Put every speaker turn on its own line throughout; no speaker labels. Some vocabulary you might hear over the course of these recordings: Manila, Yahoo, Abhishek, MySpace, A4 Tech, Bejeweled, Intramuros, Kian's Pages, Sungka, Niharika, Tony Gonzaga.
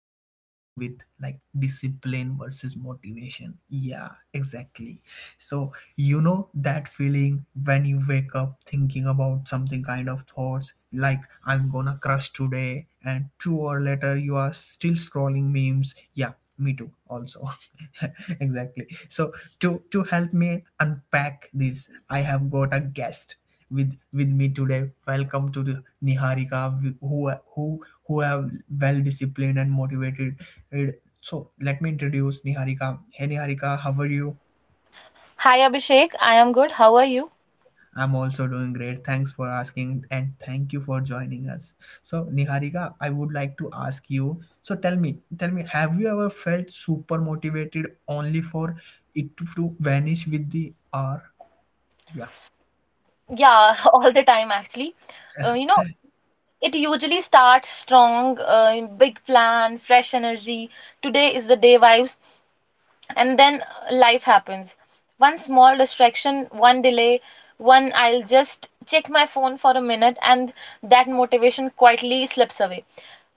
all struggling with, like discipline versus motivation. Yeah, exactly. So that feeling when you wake up thinking about something kind of thoughts like I'm gonna crush today, and 2 hours later you are still scrolling memes. Yeah, me too also exactly so to help me unpack this, I have got a guest with me today. Welcome to the Niharika, who have well disciplined and motivated. So let me introduce Niharika. Hey Niharika, how are you?
Hi Abhishek, I am good. How are you?
I'm also doing great. Thanks for asking and thank you for joining us. So, Niharika, I would like to ask you. So, tell me, have you ever felt super motivated only for it to vanish with the R? Yeah,
Yeah, all the time actually. Uh, you know, it usually starts strong, big plan, fresh energy. Today is the day vibes. And then life happens, one small distraction, one delay, one I'll just check my phone for a minute, and that motivation quietly slips away.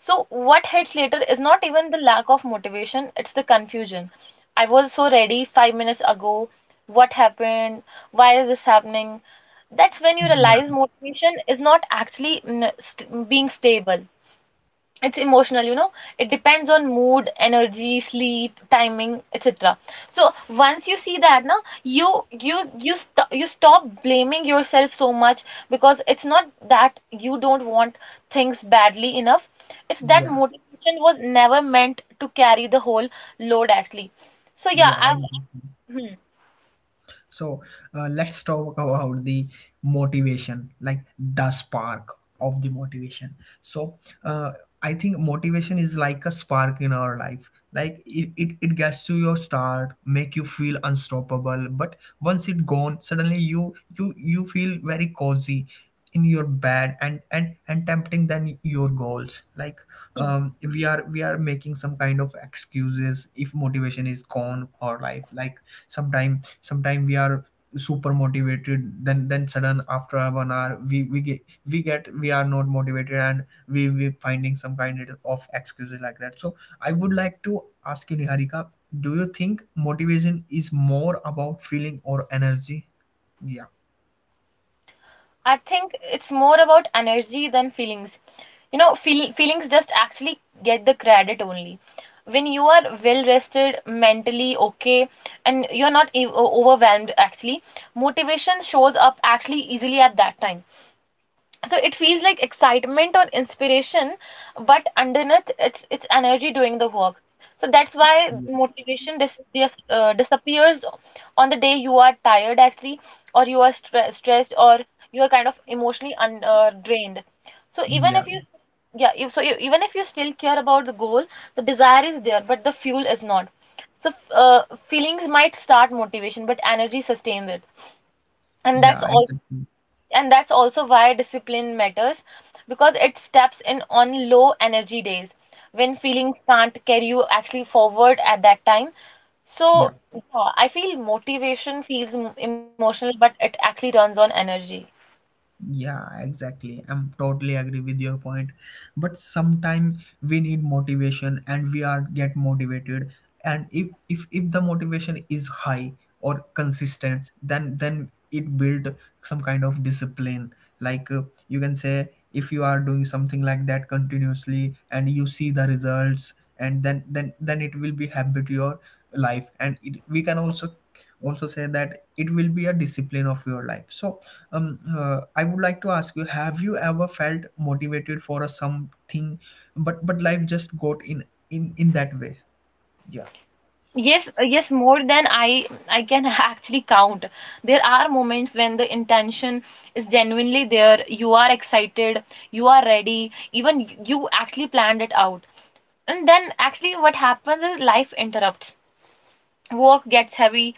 So what hits later is not even the lack of motivation, it's the confusion. I was so ready 5 minutes ago. What happened? Why is this happening? That's when you
yeah,
realize motivation is not actually being stable. It's emotional, you know. It depends on mood, energy, sleep, timing, etc. So once you see that, now you stop blaming yourself so much, because it's not that you don't want things badly enough, it's that
yeah,
motivation was never meant to carry the whole load actually. So yeah
yeah.
I've hmm,
So let's talk about the motivation, like the spark of the motivation. So uh, I think motivation is like a spark in our life. Like it gets to your start, make you feel unstoppable. But once it gone, suddenly you feel very cozy in your bed and and tempting than your goals. Like
hmm.
we are making some kind of excuses if motivation is gone or life like sometime we are super motivated, then sudden after 1 hour we get we get we are not motivated and we finding some kind of excuses like that. So I would like to ask you, Niharika, do you think motivation is more about feeling or energy? yeah
I think it's more about energy than feelings. You know, feelings just actually get the credit only. When you are well rested, mentally okay, and you're not overwhelmed actually, motivation shows up actually easily at that time. So it feels like excitement or inspiration, but underneath it's energy doing the work. So that's why
yeah
motivation disappears on the day you are tired actually, or you are stressed, or you are kind of emotionally drained. So even
yeah,
if you yeah, if, so e- even if you still care about the goal, the desire is there but the fuel is not. So feelings might start motivation but energy sustains it, and that's
yeah
all.
exactly
And that's also why discipline matters, because it steps in on low energy days when feelings can't carry you actually forward at that time. So
yeah
yeah, I feel motivation feels emotional, but it actually runs on energy.
Yeah, exactly. I'm totally agree with your point. But sometime we need motivation and we are get motivated. And if the motivation is high or consistent, then it build some kind of discipline. Like you can say if you are doing something like that continuously and you see the results, and then it will be habit to your life, and we can also say that it will be a discipline of your life. So I would like to ask you, have you ever felt motivated for a something, but life just got in that way? yeah
Yes, more than I can actually count. There are moments when the intention is genuinely there, you are excited, you are ready, even you actually planned it out. And then actually what happens is life interrupts. Work gets heavy,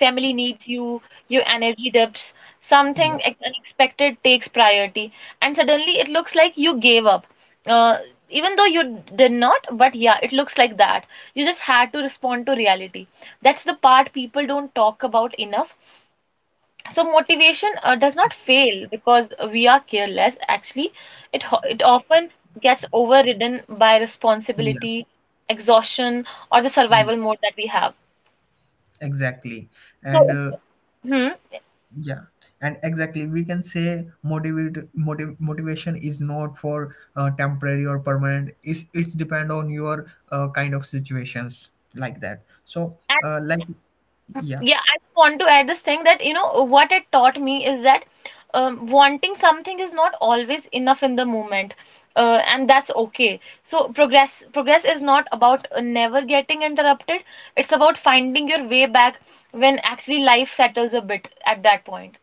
family needs you, your energy dips,
yeah
something unexpected takes priority, and suddenly it looks like you gave up. Uh, Even though you did not, but yeah, it looks like that. You just had to respond to reality. That's the part people don't talk about enough. So motivation does not fail because we are careless. Actually, it it often gets overridden by
yeah
responsibility, exhaustion, or the
yeah
survival mode that we have.
exactly And
So it. Hmm.
yeah, and exactly, we can say motivation is not for temporary or permanent. It's depend on your kind of situations like that. So,
And
like yeah,
yeah, I just want to add this thing that, you know, what it taught me is that wanting something is not always enough in the moment. And that's okay. So progress is not about never getting interrupted. It's about finding your way back when actually life settles a bit at that point.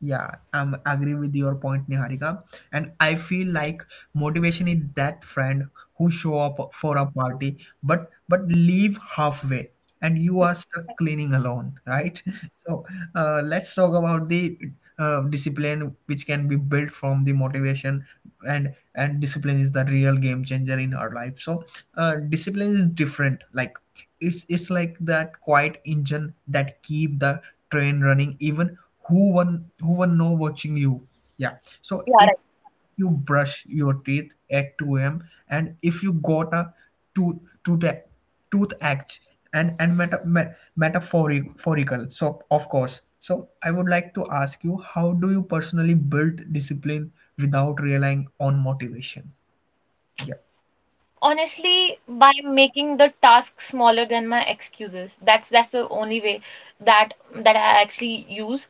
yeah, I'm agree with your point, Niharika. And I feel like motivation is that friend who show up for a party but leave halfway, and you are stuck cleaning alone, right? So let's talk about the discipline which can be built from the motivation. And discipline is the real game changer in our life. So discipline is different. Like it's like that quiet engine that keep the train running even who one no watching you. Yeah, so
Yeah,
it,
right.
you brush your teeth at 2 a.m, and if you got a tooth tooth toothache, and metaphorical, so of course. So I would like to ask you, how do you personally build discipline without relying on motivation? yeah
Honestly, by making the task smaller than my excuses. That's the only way that that I actually use.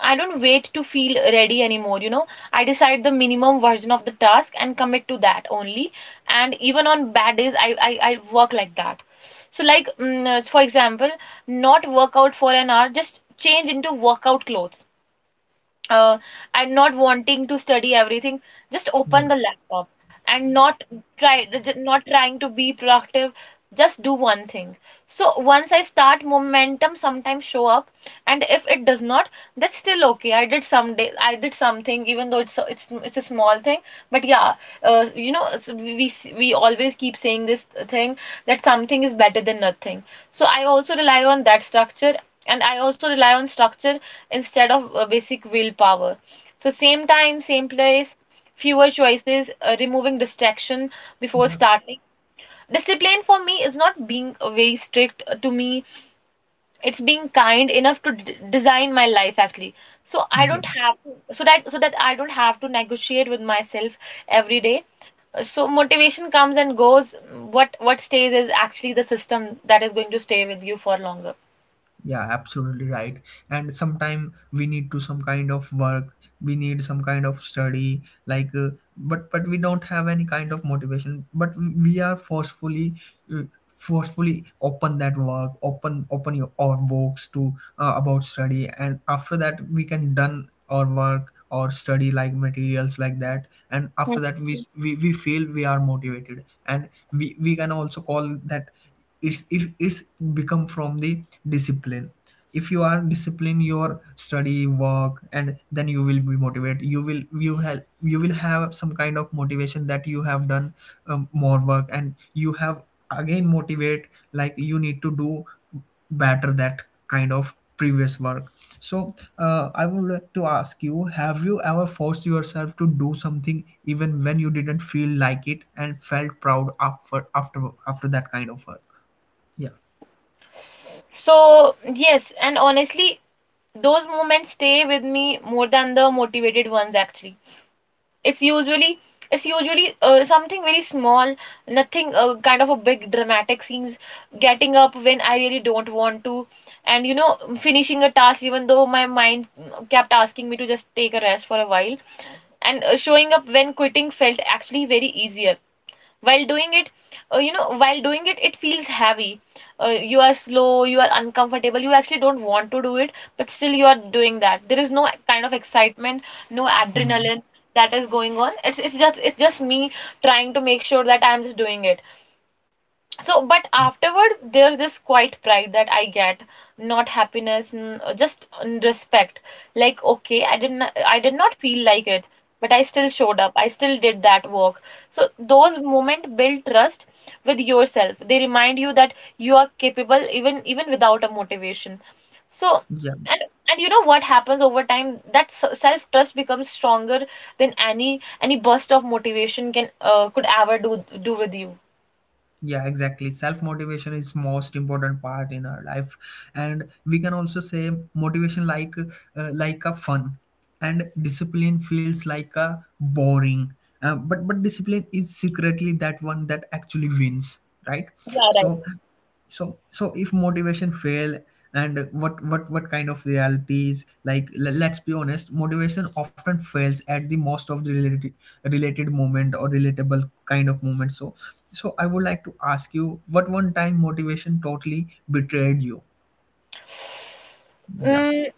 I don't wait to feel ready anymore, you know. I decide the minimum version of the task and commit to that only. And even on bad days, I work like that. So, like, for example, not work out for an hour, just change into workout clothes. Uh, I'm not wanting to study everything, just open
yeah
the laptop and try, not trying to be productive, just do one thing. So, once I start, momentum sometimes show up, and if it does not, that's still okay. I did some day, I did something, even though it's a small thing. But yeah, you know, we always keep saying this thing, that something is better than nothing. So I also rely on that structure, and I also rely on structure instead of basic willpower. So same time, same place, fewer choices, removing distraction before
yeah
starting. Discipline for me is not being very strict to me, it's being kind enough to d design my life actually, so I
yeah
don't have to, so that so that I don't have to negotiate with myself every day. So motivation comes and goes, what stays is actually the system that is going to stay with you for longer.
yeah Absolutely right. And sometime we need to some kind of work, we need some kind of study, like but we don't have any kind of motivation, but we are forcefully open that work, open your our books to about study. And after that we can done our work or study like materials like that, and after
Mm.
that we feel we are motivated, and we can also call that it's become from the discipline. If you are disciplined, your study work, and then you will be motivated, you will have some kind of motivation that you have done more work, and you have again motivate. Like you need to do better that kind of previous work. So I would like to ask you, have you ever forced yourself to do something even when you didn't feel like it and felt proud after that kind of work? yeah
So, yes, and honestly, those moments stay with me more than the motivated ones actually. It's usually it's usually something very small, nothing kind of a big dramatic scenes. Getting up when I really don't want to, and you know, finishing a task even though my mind kept asking me to just take a rest for a while. And showing up when quitting felt actually very easier. While doing it, you know, while doing it, it feels heavy. uh, you are slow, you are uncomfortable, you actually don't want to do it, but still you are doing that. There is no kind of excitement, no
Hmm.
adrenaline that is going on. It's it's just me trying to make sure that I'm just doing it. So but
Hmm.
afterwards there's this quiet pride that I get, not happiness, just respect. Like okay, I did not feel like it, but I still showed up, I still did that work. So those moments build trust with yourself. They remind you that you are capable, even without a motivation. So, and and you know what happens over time, that self trust becomes stronger than any burst of motivation can could ever do with you.
Yeah, exactly. Self motivation is most important part in our life, and we can also say motivation like a fun, and discipline feels like a boring, but discipline is secretly that one that actually wins, right?
Yeah, right.
So if motivation fail, and what kind of realities like let's be honest, motivation often fails at the most of the related moment or relatable kind of moment. So so I would like to ask you, what one time motivation totally betrayed you? yeah
嗯，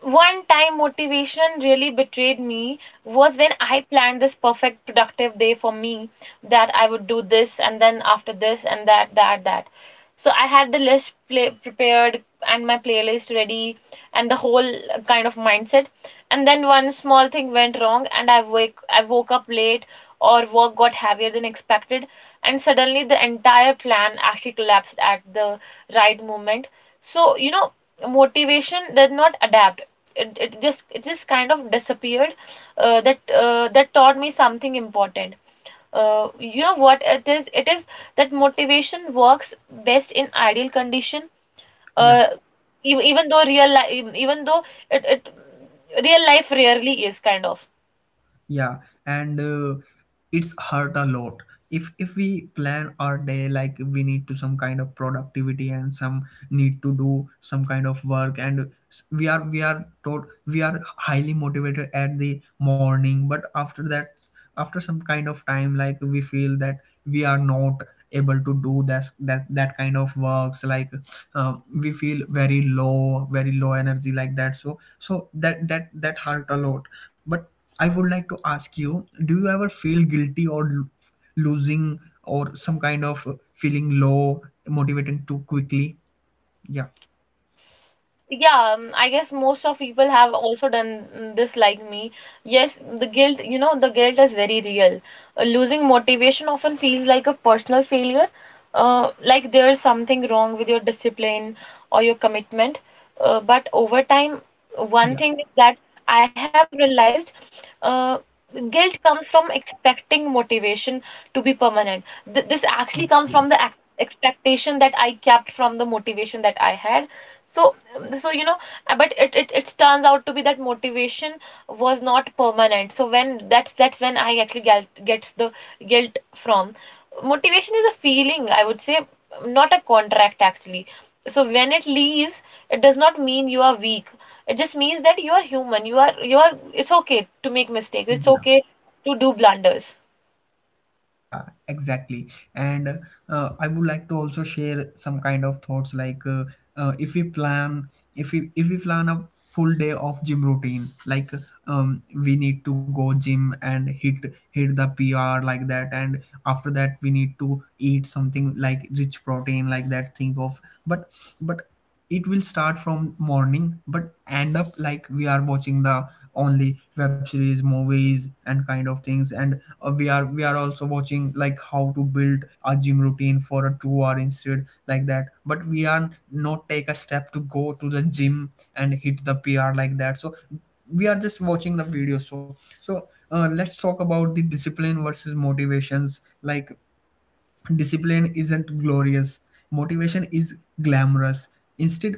One time motivation really betrayed me was when I planned this perfect productive day for me, that I would do this and then after this and that. So I had the list play prepared and my playlist ready and the whole kind of mindset. And then one small thing went wrong, and I woke up late, or work got heavier than expected, and suddenly the entire plan actually collapsed at the right moment. So, you know, motivation did not adapt, it just kind of disappeared. That taught me something important. You know what it is? That motivation works best in ideal condition.
yeah
uh, Even though real life, even though it real life rarely is kind of.
yeah And it's hurt a lot if we plan our day like we need to some kind of productivity, and some need to do some kind of work, and we are highly motivated at the morning, but after that, after some kind of time, like we feel that we are not able to do that kind of works. Like we feel very low energy like that, so that hurt a lot. But I would like to ask you, do you ever feel guilty or losing or some kind of feeling low, motivating too quickly? Yeah,
Yeah, I guess most of people have also done this like me. Yes, the guilt, you know, the guilt is very real. Losing motivation often feels like a personal failure, like there is something wrong with your discipline or your commitment. But over time, one
yeah,
thing is that I have realized, uh, guilt comes from expecting motivation to be permanent. Th this actually comes from the ac
yeah,
expectation that I kept from the motivation that I had. So so you know, but it turns out to be that motivation was not permanent. So when that's when I actually gets the guilt from. Motivation is a feeling, I would say, not a contract actually. So when it leaves, it does not mean you are weak, it just means that you are human. You are It's okay to make mistakes, it's okay to do blunders.
Yeah. exactly. And I would like to also share some kind of thoughts like if we plan, if we plan a full day of gym routine, like we need to go gym and hit the PR like that, and after that we need to eat something like rich protein like that, think of. But but it will start from morning but end up like we are watching the only web series movies and kind of things, and we are also watching like how to build a gym routine for a 2 hours instead like that, but we are not take a step to go to the gym and hit the pr like that. So we are just watching the video. So let's talk about the discipline versus motivations. Like discipline isn't glorious, motivation is glamorous. Instead,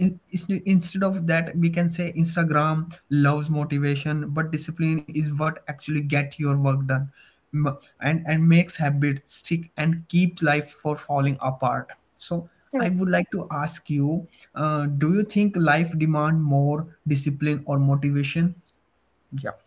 in, instead of that, we can say Instagram loves motivation, but discipline is what actually get your work done. And makes habit stick and keeps life for falling apart. So I would like to ask you, do you think life demand more discipline or motivation? yeah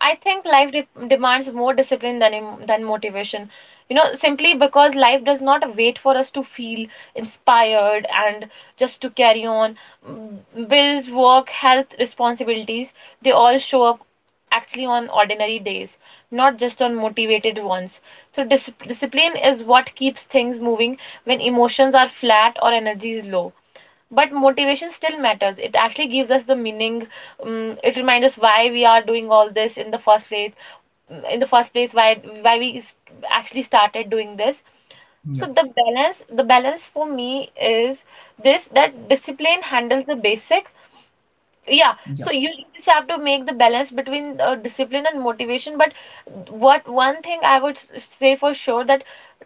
I think life de demands more discipline than than motivation. You know, simply because life does not wait for us to feel inspired and just to carry on. Bills, work, health, responsibilities, they all show up actually on ordinary days, not just on motivated ones. So discipline is what keeps things moving when emotions are flat or energy is low. But motivation still matters, it actually gives us the meaning. It reminds us why we are doing all this in the first place. In the first place, why why we s- actually started doing this.
yeah
So the balance for me is this, that discipline handles the basic. Yeah,
yeah
so you just have to make the balance between discipline and motivation. But what one thing I would say for sure that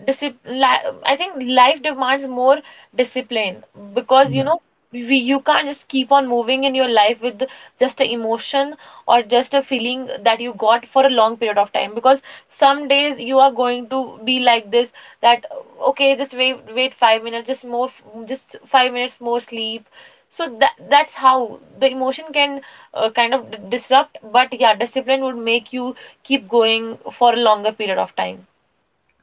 discipline, I think life demands more discipline because you
yeah
know we you can't just keep on moving in your life with just a emotion or just a feeling that you got for a long period of time because some days you are going to be like this that okay, just wait 5 minutes, just more just 5 minutes more sleep. So that's how the emotion can kind of disrupt, but yeah, discipline would make you keep going for a longer period of time.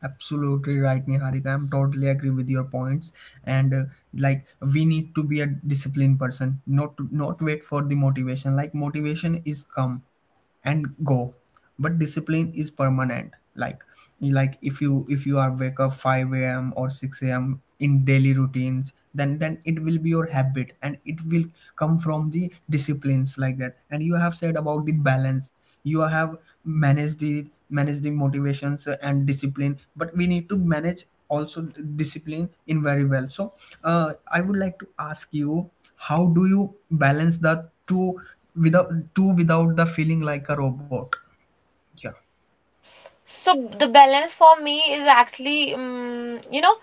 Absolutely right, Niharika. I'm totally agree with your points. And like, we need to be a disciplined person, not wait for the motivation. Like, motivation is come and go, but discipline is permanent. Like if you are wake up five a.m. or six a.m. in daily routines, then it will be your habit, and it will come from the disciplines like that. And you have said about the balance. You have manage the motivations and discipline, but we need to manage also discipline in very well. So I would like to ask you, how do you balance the two without the feeling like a robot? yeah
So the balance for me is actually, you know,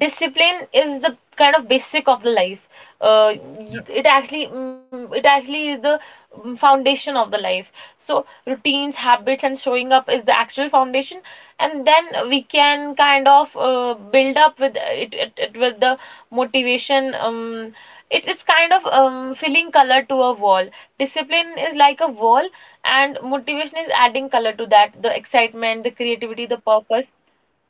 discipline is the kind of basic of the life. Uh,
yeah
y- it actually, it actually is the foundation of the life. So routines, habits and showing up is the actual foundation, and then we can kind of build up with it with the motivation. It's kind of, filling color to a wall. Discipline is like a wall, and motivation is adding color to that, the excitement, the creativity, the purpose.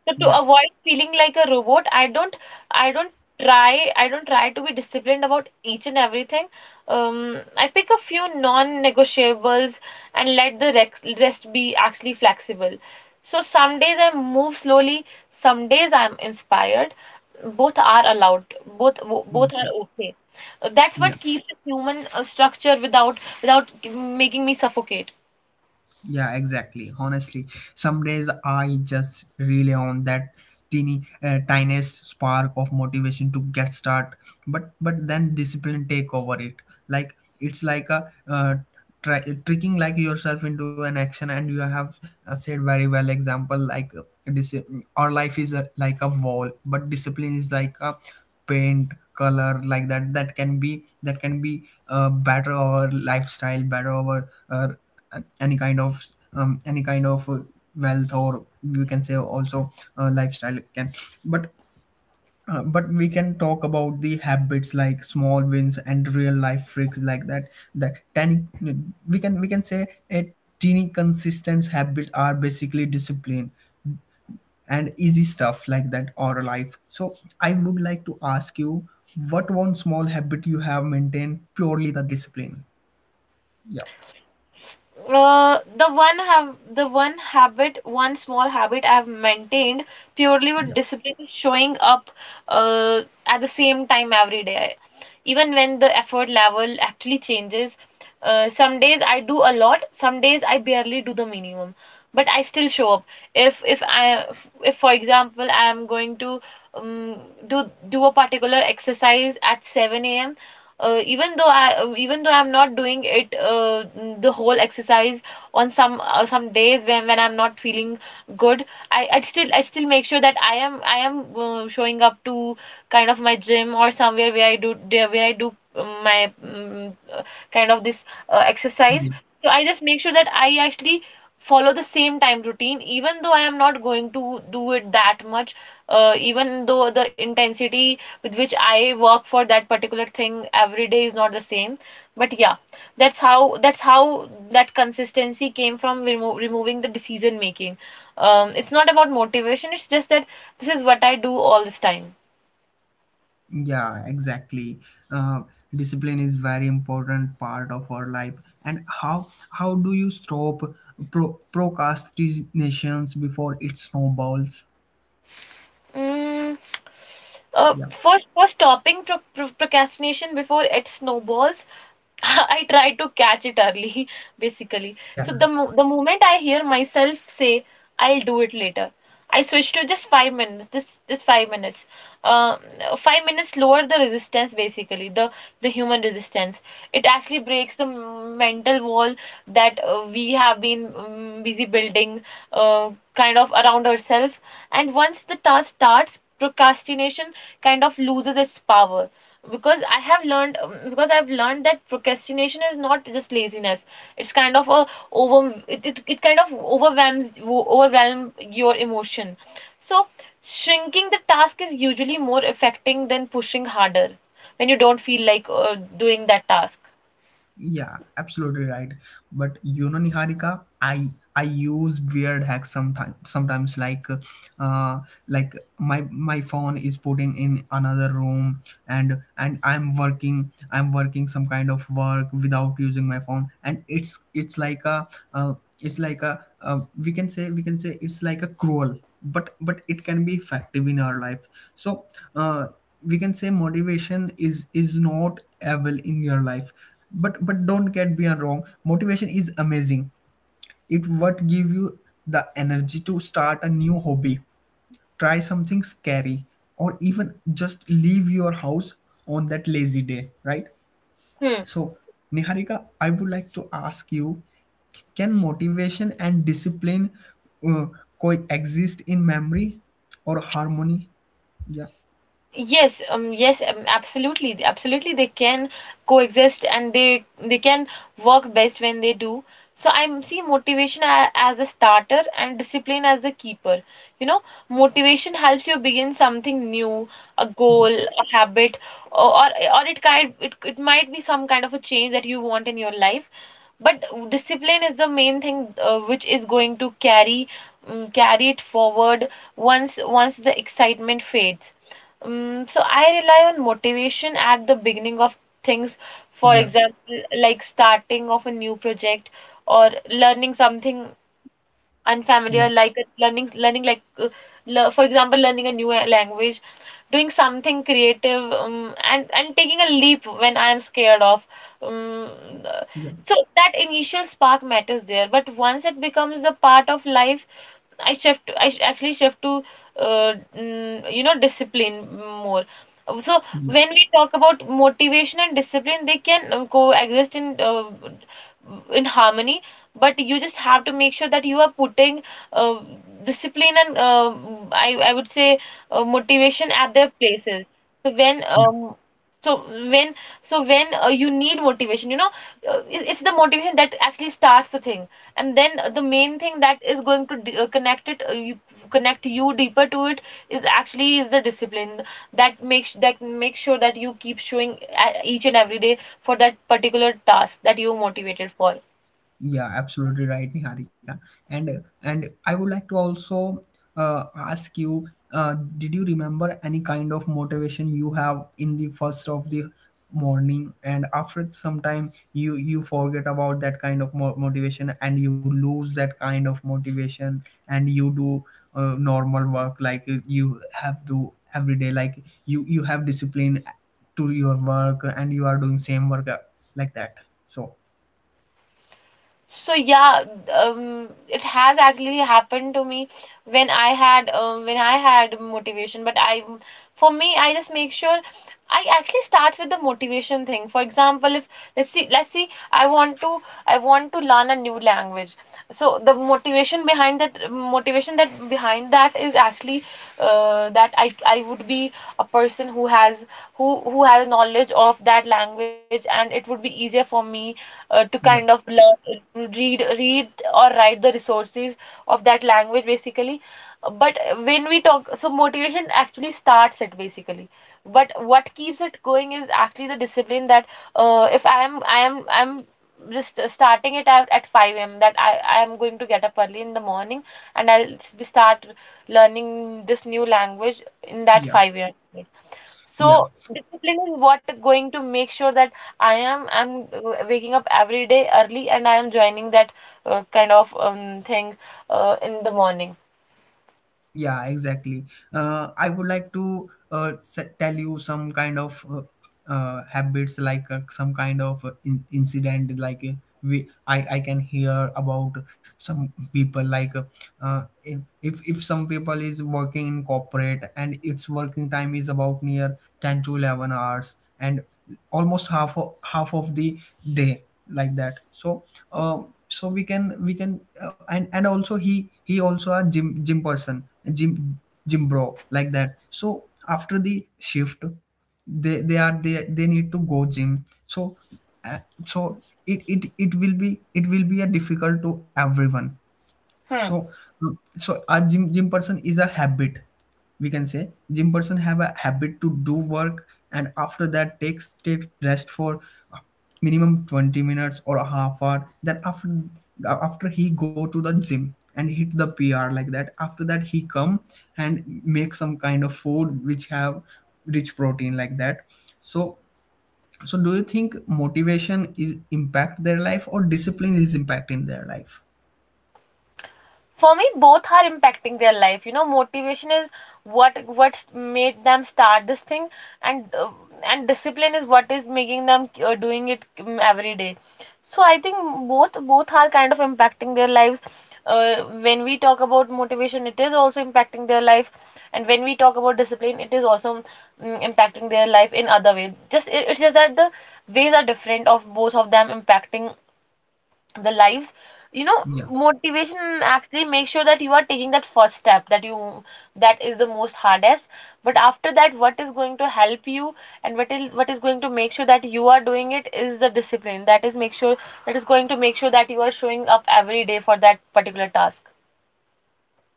So to
yeah
avoid feeling like a robot, I don't I don't try to be disciplined about each and everything. I pick a few non-negotiables and let the rest be actually flexible. So some days I move slowly, some days I'm inspired. Both are allowed. Both bo-
yeah
both are okay. That's what
yeah
keeps the human structure without making me suffocate.
Yeah, exactly. Honestly, some days I just rely on that teeny, tiniest spark of motivation to get start. But then discipline take over it. Like it's like a tricking like yourself into an action. And you have said very well example, like dis- our life is a, like a wall, but discipline is like a paint color like that, that can be better our lifestyle, better our any kind of um, any kind of uh, wealth, or you can say also lifestyle can. But we can talk about the habits like small wins and real life freaks like that, that tiny, we can say a teeny consistent habit are basically discipline, and easy stuff like that or life. So I would like to ask you, what one small habit you have maintained purely the discipline? Yeah,
The one small habit I have maintained purely with
yeah.
discipline is showing up at the same time every day. Even when the effort level actually changes, some days I do a lot, some days I barely do the minimum, but I still show up. If if I if for example I am going to, um, do do a particular exercise at 7 a.m., even though I even though I'm not doing it the whole exercise on some days when I'm not feeling good, I still make sure that I am showing up to kind of my gym or somewhere where I do my mm, kind of this exercise.
Yeah,
So I just make sure that I actually follow the same time routine even though I am not going to do it that much, even though the intensity with which I work for that particular thing every day is not the same. But yeah, that's how that consistency came from removing the decision making. It's not about motivation. It's just that this is what I do all this time.
yeah, exactly. Uh, Discipline is very important part of our life. And how do you stop procrastinations before it snowballs?
Mm, Uh,
Yeah.
for for stopping procrastination before it snowballs, I try to catch it early, basically. So the
Yeah.
mo the moment I hear myself say, "I'll do it later," I switch to just 5 minutes. This just 5 minutes. Uh, 5 minutes lower the resistance, basically the human resistance. It actually breaks the mental wall that we have been busy building, uh, kind of around ourselves, and once the task starts, procrastination kind of loses its power because I've learned that procrastination is not just laziness, it's kind of a, it kind of overwhelms overwhelm your emotion. So shrinking the task is usually more affecting than pushing harder when you don't feel like doing that task.
Yeah, absolutely right. But you know, Niharika, I use weird hacks sometimes. Sometimes uh, like my phone is putting in another room, and I'm working some kind of work without using my phone, and it's like a uh, we can say, it's like a cruel, but it can be effective in our life. So uh, we can say motivation is not evil in your life but don't get me wrong, motivation is amazing. It what give you the energy to start a new hobby, try something scary, or even just leave your house on that lazy day, right?
Hmm.
So Niharika, I would like to ask you, can motivation and discipline uh, coexist in memory or harmony? yeah
Yes, absolutely. They can coexist and they can work best when they do. So I see motivation as a starter and discipline as the keeper. You know, motivation helps you begin something new, a goal,
yeah
a habit, or or it might be some kind of a change that you want in your life. But discipline is the main thing which is going to carry it forward once the excitement fades. So I rely on motivation at the beginning of things. For
yeah
example, like starting of a new project or learning something
yeah
unfamiliar, like learning like, for example, learning a new language, doing something creative, and taking a leap when I'm scared of. Um, uh,
yeah
so that initial spark matters there, but once it becomes a part of life, I actually shift to you know, discipline more. So
yeah
when we talk about motivation and discipline, they can coexist in harmony. But you just have to make sure that you are putting uh, discipline and, I would say motivation at their places. So when
yeah.
um so when so when you need motivation, you know, it- it's the motivation that actually starts the thing, and then the main thing that is going to connect connect you deeper to it is actually is the discipline that makes sure that you keep showing each and every day for that particular task that you're motivated for.
Yeah, absolutely right, Niharika. And I would like to also ask you, did you remember any kind of motivation you have in the first of the morning, and after some time you forget about that kind of motivation, and you lose that kind of motivation, and you do normal work like you have to every day, like you have discipline to your work, and you are doing same work like that. So
So yeah, it has actually happened to me when I had motivation. For me, I just make sure I actually starts with the motivation thing. For example, if, let's see, I want to, I want to learn a new language. So the motivation behind that motivation that behind that is actually, that I would be a person who has, who has knowledge of that language, and it would be easier for me to kind
yeah
of learn to read or write the resources of that language basically. But when we talk, so motivation actually starts it basically, but what keeps it going is actually the discipline that, if I'm just starting it out at 5 a.m. that I am going to get up early in the morning and I'll start learning this new language in that
yeah
5 a.m.
yeah.
So discipline is what going to make sure that I am I'm waking up every day early, and I am joining that thing in the morning.
Yeah, exactly. I would like to tell you some kind of habits, like some kind of incident, like we I can hear about some people like if if some people is working in corporate and its working time is about near 10 to 11 hours and almost half of the day like that. So so we can and also he also a gym person, gym gym bro like that. So after the shift, they are they need to go gym. So uh, so it will be, it will be a difficult to everyone. So, so a gym person is a habit. We can say gym person have a habit to do work and after that take rest for uh, minimum 20 minutes or a half hour. Then after after he go to the gym and hit the PR like that. After that he come and make some kind of food which have rich protein like that. So so do you think motivation is impact their life or discipline is impacting their life?
For me both are impacting their life. You know, motivation is what made them start this thing, and uh, and discipline is what is making them doing it every day. So I think both are kind of impacting their lives. When we talk about motivation, it is also impacting their life, and when we talk about discipline, it is also, impacting their life in other way. Just it's just that the ways are different of both of them impacting the lives. You know,
Yeah.
motivation actually make sure that you are taking that first step, that is the most hardest. But after that, what is going to help you, and what is going to make sure that you are doing it, is the discipline that is going to make sure that you are showing up every day for that particular task.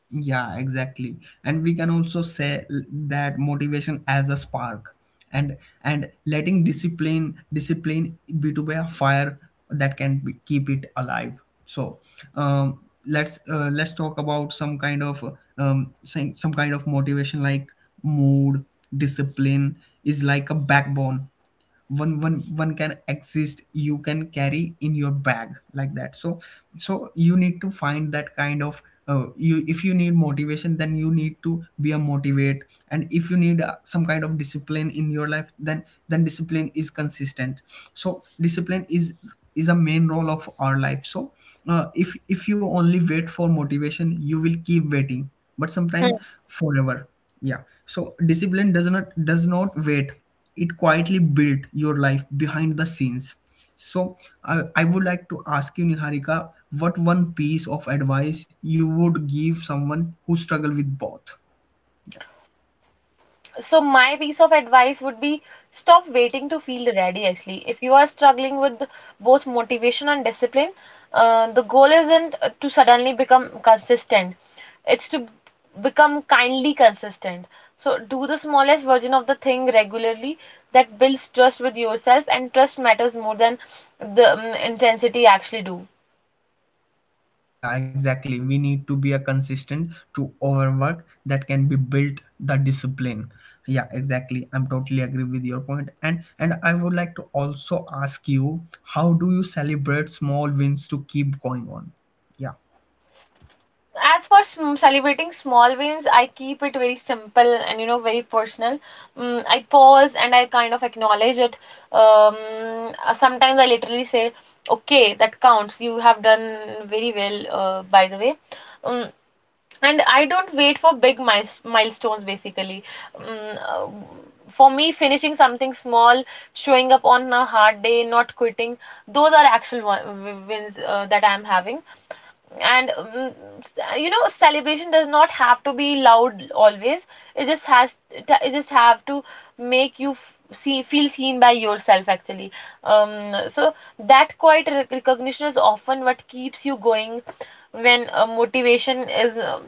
Yeah, exactly. And we can also say that motivation as a spark, and letting discipline be to be a fire that can be, keep it alive. So um, let's talk about some kind of some kind of motivation, like mood. Discipline is like a backbone, one can exist, you can carry in your bag like that. So so you need to find that kind of you, if you need motivation then you need to be a motivate, and if you need some kind of discipline in your life then discipline is consistent. So discipline is a main role of our life. So If you only wait for motivation you will keep waiting, but sometime, forever. Yeah, so discipline does not wait, it quietly built your life behind the scenes. So, I would like to ask you, Niharika, what one piece of advice you would give someone who struggle with both? Yeah.
So my piece of advice would be stop waiting to feel ready actually. If you are struggling with both motivation and discipline, the goal isn't to suddenly become consistent. It's to become kindly consistent. So do the smallest version of the thing regularly that builds trust with yourself, and trust matters more than the intensity actually do.
Yeah, exactly. We need to be a consistent to overwork that can be built the discipline. Yeah, exactly. I'm totally agree with your point. And I would like to also ask you, how do you celebrate small wins to keep going on? Yeah.
As for celebrating small wins, I keep it very simple and, you know, very personal. I pause and I kind of acknowledge it. um, Sometimes I literally say, okay, that counts, you have done very well, by the way. um, and I don't wait for big milestones basically. um, uh, for me, finishing something small, showing up on a hard day, not quitting, those are actual wins that I'm having. And You know, celebration does not have to be loud always. It just have to make you f- see feel seen by yourself actually. So that quiet recognition is often what keeps you going when, motivation is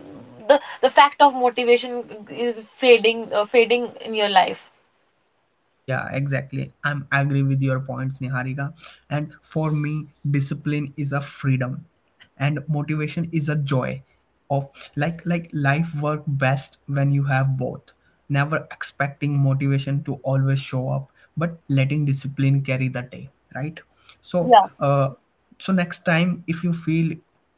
the fact of motivation is fading, fading in your life.
Yeah, exactly. I'm agree with your points, Niharika. And for me, discipline is a freedom and motivation is a joy of, like life work best when you have both. Never expecting motivation to always show up, but letting discipline carry the day, right? So so next time if you feel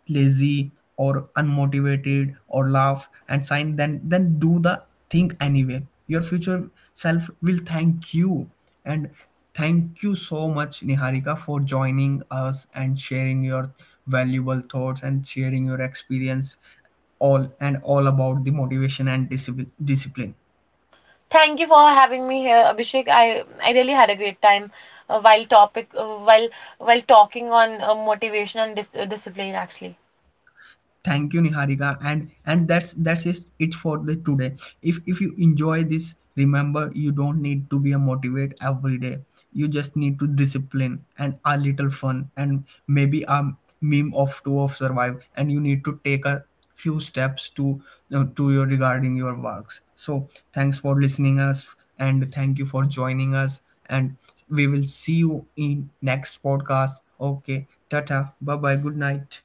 lazy or unmotivated or laugh and sign, then do the thing anyway. Your future self will thank you. And thank you so much Niharika, for joining us and sharing your valuable thoughts and sharing your experience all and all about the motivation and discipline.
Thank you for having me here, Abhishek. I really had a great time while topic while while talking on motivation and discipline actually.
Thank you, Niharika. And that's just it for the today. If you enjoy this, remember you don't need to be a motivate every day, you just need to discipline and a little fun, and maybe a meme of two of survive, and you need to take a few steps to your regarding your works. So thanks for listening us and thank you for joining us, and we will see you in next podcast. Okay, tata, bye bye, good night.